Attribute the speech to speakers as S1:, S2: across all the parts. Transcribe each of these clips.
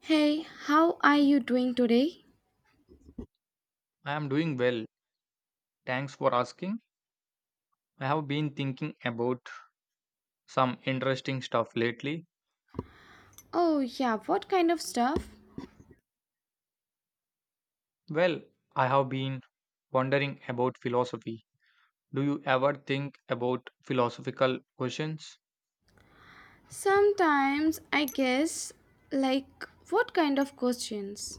S1: Hey, how are you doing today?
S2: I am doing well. Thanks for asking. I have been thinking about some interesting stuff lately.
S1: Oh, yeah, what kind of stuff?
S2: Well, I have been wondering about philosophy. Do you ever think about philosophical questions?
S1: Sometimes, I guess, like, what kind of questions?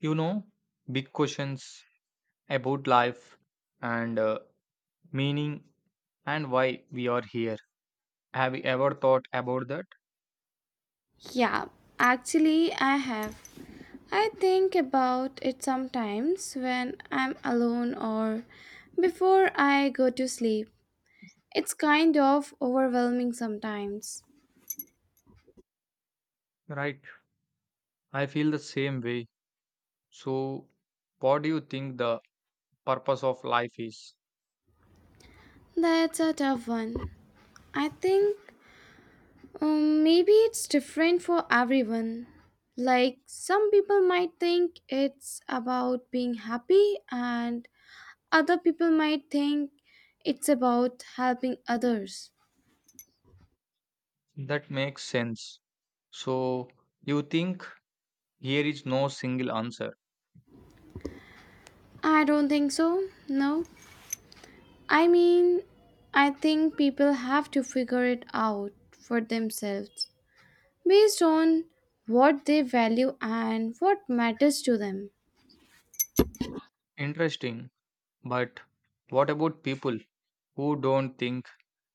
S2: You know, big questions about life and meaning and why we are here. Have you ever thought about that?
S1: Yeah, actually, I have. I think about it sometimes when I'm alone or before I go to sleep. It's kind of overwhelming sometimes.
S2: Right. I feel the same way. So, what do you think the purpose of life is?
S1: That's a tough one. I think maybe it's different for everyone. Like, some people might think it's about being happy, and other people might think it's about helping others.
S2: That makes sense. So you think here is no single answer.
S1: I don't think so. No. I mean, I think people have to figure it out for themselves based on what they value and what matters to them.
S2: Interesting. But what about people who don't think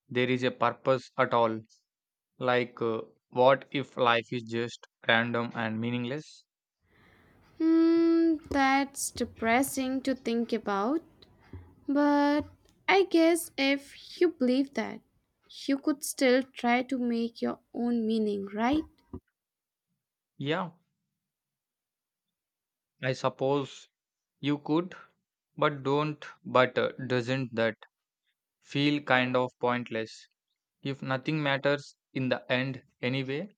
S2: there is a purpose at all? Like, uh, what if life is just random and meaningless?
S1: Hmm, that's depressing to think about. But I guess if you believe that, you could still try to make your own meaning, right?
S2: Yeah, I suppose you could, but doesn't that feel kind of pointless? If nothing matters in the end anyway,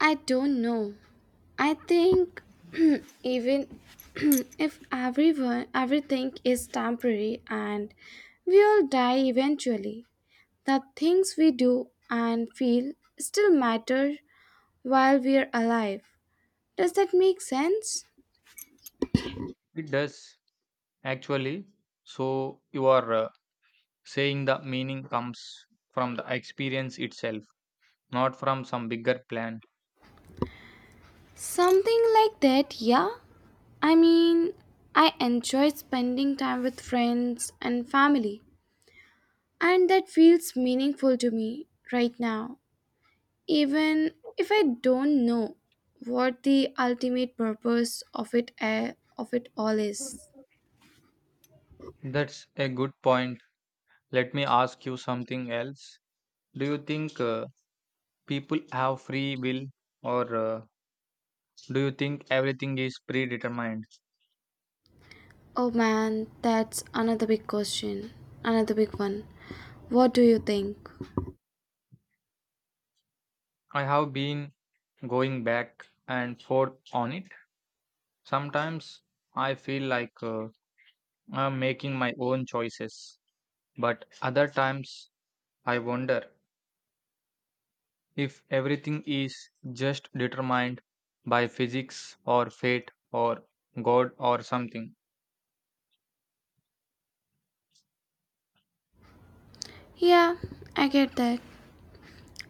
S1: I don't know. I think even if everyone everything is temporary and we all die eventually, the things we do and feel still matter while we are alive. Does that make sense?
S2: it does actually. So you are saying the meaning comes from the experience itself, not from some bigger plan.
S1: Something like that, yeah? I mean, I enjoy spending time with friends and family, and that feels meaningful to me right now, even if I don't know what the ultimate purpose of of it all is.
S2: That's a good point. Let me ask you something else. Do you think people have free will, or do you think everything is predetermined?
S1: Oh man, that's another big question. Another big one. What do you think?
S2: I have been going back and forth on it. Sometimes I feel like I'm making my own choices, but other times I wonder if everything is just determined by physics or fate or God or something,
S1: Yeah, I get that.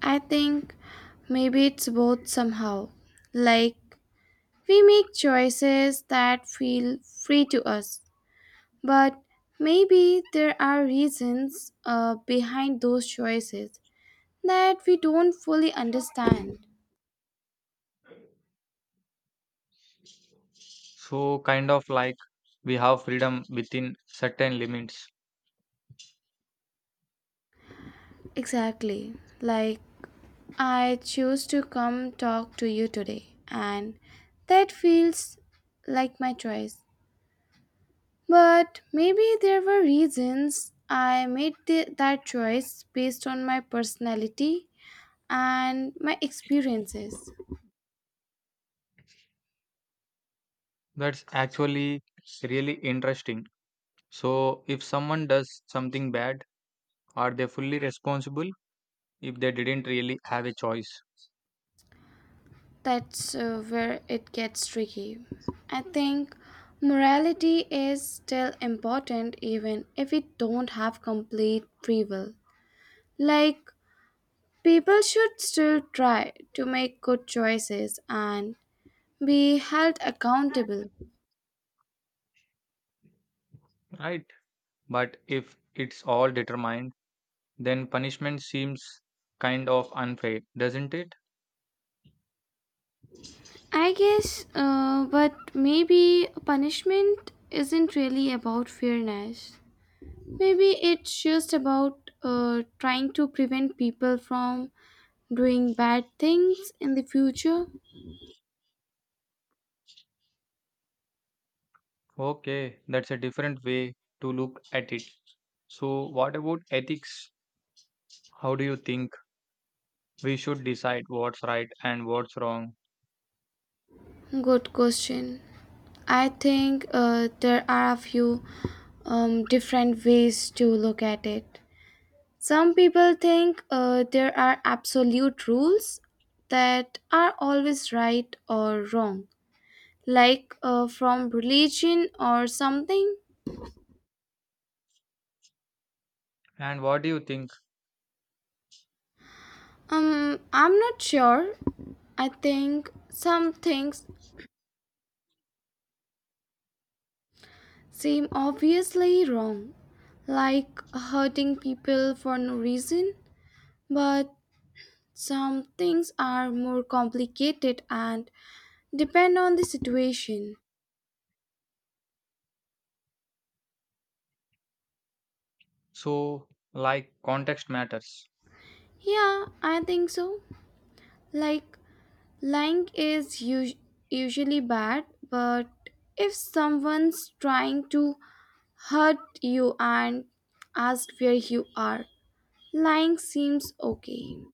S1: I think maybe it's both somehow. Like, we make choices that feel free to us, but maybe there are reasons behind those choices that we don't fully understand.
S2: so kind of like we have freedom within certain limits.
S1: Exactly. Like, I choose to come talk to you today, and that feels like my choice. But maybe there were reasons that choice based on my personality and my experiences.
S2: That's actually really interesting. So, if someone does something bad, are they fully responsible if they didn't really have a choice?
S1: That's where it gets tricky. I think morality is still important even if we don't have complete free will. Like, people should still try to make good choices and be held accountable.
S2: Right. But if it's all determined, then punishment seems kind of unfair, doesn't it?
S1: I guess, but maybe punishment isn't really about fairness. Maybe it's just about trying to prevent people from doing bad things in the future?
S2: Okay, that's a different way to look at it. So, what about ethics? How do you think we should decide what's right and what's wrong?
S1: Good question. I think there are a few different ways to look at it. Some people think there are absolute rules that are always right or wrong, like from religion or something.
S2: And what do you think?
S1: I'm not sure. I think some things seem obviously wrong, like hurting people for no reason. But some things are more complicated and depend on the situation.
S2: So, like context matters.
S1: Yeah, I think so. Like, lying is us- usually bad, but if someone's trying to hurt you and ask where you are, lying seems okay.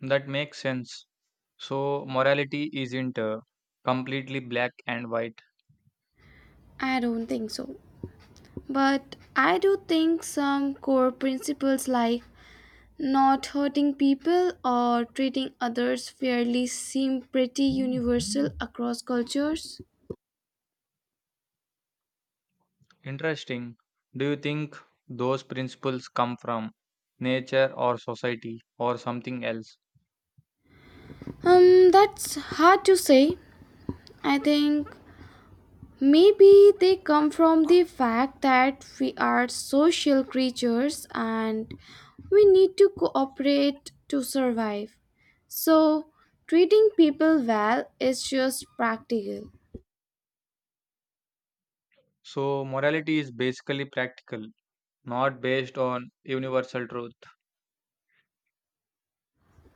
S2: That makes sense. So, morality isn't completely black and white.
S1: I don't think so. But I do think some core principles like not hurting people or treating others fairly seem pretty universal across cultures.
S2: Interesting. Do you think those principles come from nature or society or something else?
S1: That's hard to say. I think maybe they come from the fact that we are social creatures and we need to cooperate to survive. So, treating people well is just practical.
S2: So, morality is basically practical, not based on universal truth.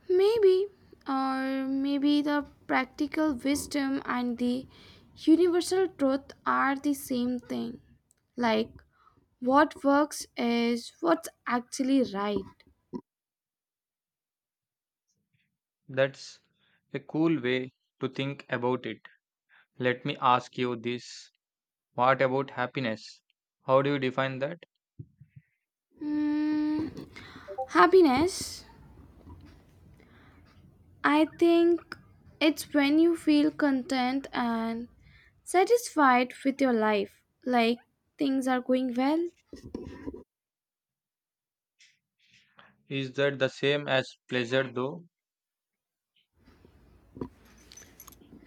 S1: Maybe, or maybe the practical wisdom and the universal truth are the same thing. Like, what works is what's actually right.
S2: That's a cool way to think about it. Let me ask you this. What about happiness? How do you define that?
S1: Hmm, happiness. I think it's when you feel content and satisfied with your life, like things are going well.
S2: Is that the same as pleasure though?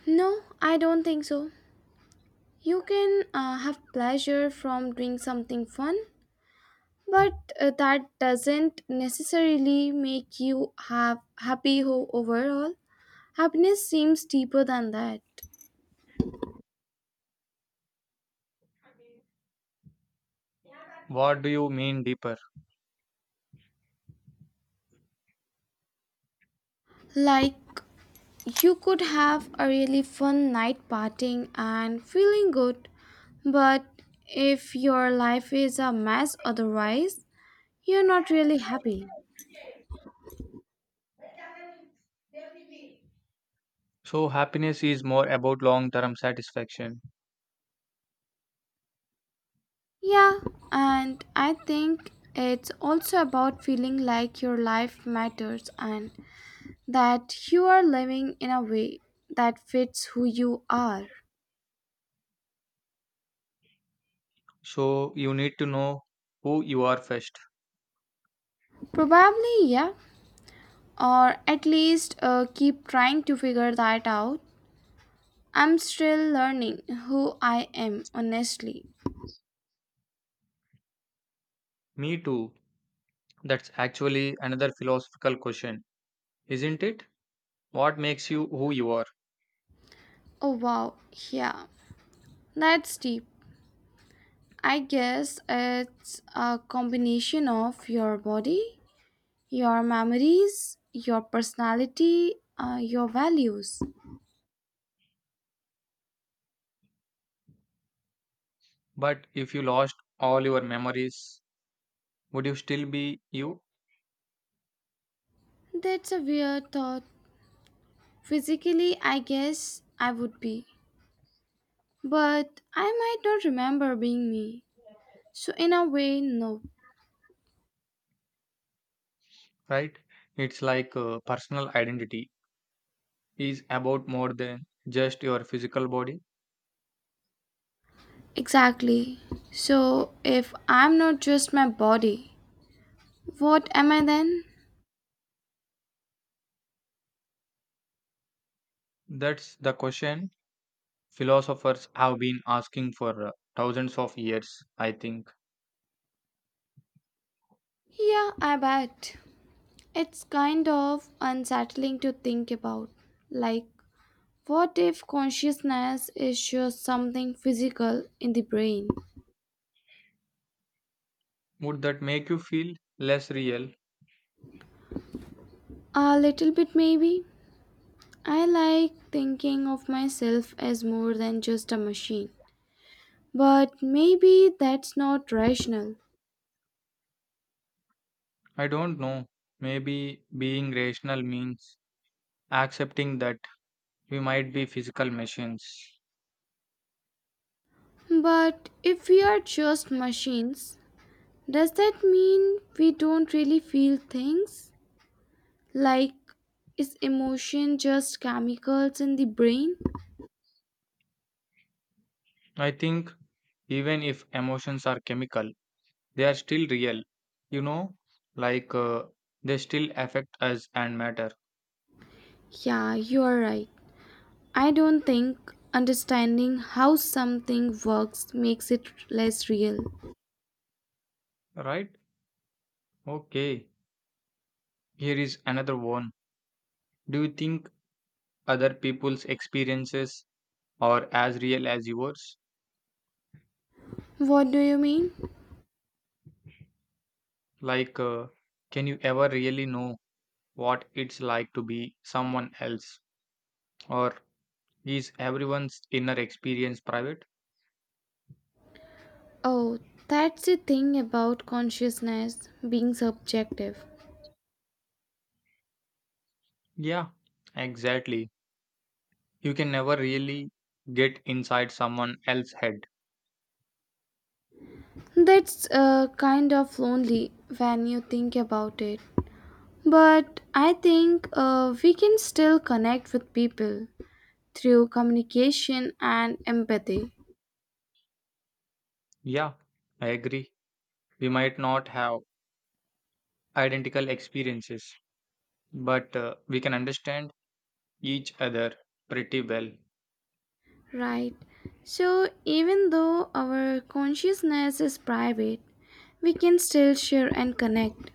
S1: No, I don't think so. You can have pleasure from doing something fun, but that doesn't necessarily make you have happy ho- overall. Happiness seems deeper than that.
S2: What do you mean deeper?
S1: Like, you could have a really fun night partying and feeling good, but if your life is a mess otherwise, you're not really happy.
S2: So, happiness is more about long term satisfaction.
S1: Yeah, and I think it's also about feeling like your life matters and that you are living in a way that fits who you are?
S2: So, you need to know who you are first.
S1: Probably, yeah. Or at least keep trying to figure that out. I'm still learning who I am, honestly.
S2: Me too. That's actually another philosophical question, isn't it? What makes you who you are?
S1: Oh, wow. Yeah. That's deep. I guess it's a combination of your body, your memories, your personality, your values.
S2: But if you lost all your memories, would you still be you?
S1: That's a weird thought. Physically, I guess I would be. But I might not remember being me. So, in a way, no.
S2: Right? It's like personal identity is about more than just your physical body.
S1: Exactly. So, if I'm not just my body, what am I then?
S2: That's the question philosophers have been asking for thousands of years, I think.
S1: Yeah, I bet. It's kind of unsettling to think about. Like, what if consciousness is just something physical in the brain?
S2: Would that make you feel less real?
S1: A little bit, maybe. I like thinking of myself as more than just a machine. But maybe that's not rational.
S2: I don't know. Maybe being rational means accepting that we might be physical machines.
S1: But if we are just machines, does that mean we don't really feel things? Like, is emotion just chemicals in the brain?
S2: I think even if emotions are chemical, they are still real, you know, like uh, they still affect us and matter.
S1: Yeah, you are right. I don't think understanding how something works makes it less real.
S2: Right? Okay. Here is another one. Do you think other people's experiences are as real as yours?
S1: What do you mean?
S2: Like, uh, can you ever really know what it's like to be someone else? Or is everyone's inner experience private?
S1: Oh, that's the thing about consciousness being subjective.
S2: Yeah, exactly. You can never really get inside someone else's head.
S1: That's kind of lonely when you think about it. But I think we can still connect with people through communication and empathy.
S2: Yeah, I agree. We might not have identical experiences, but we can understand each other pretty well.
S1: Right. So even though our consciousness is private, we can still share and connect.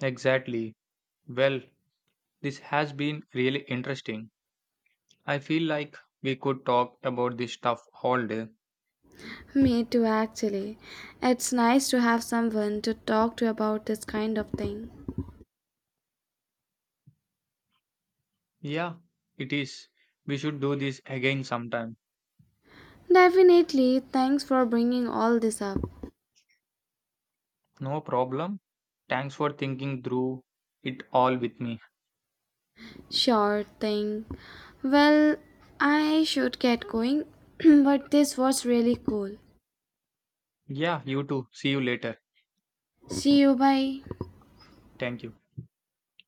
S2: Exactly. Well, this has been really interesting. I feel like we could talk about this stuff all day.
S1: Me too, actually. It's nice to have someone to talk to about this kind of thing.
S2: Yeah, it is. We should do this again sometime.
S1: Definitely, thanks for bringing all this up.
S2: No problem. Thanks for thinking through it all with me.
S1: Sure thing. Well, I should get going, but this was really cool.
S2: Yeah, you too. See you later.
S1: Okay. See you, bye.
S2: Thank you.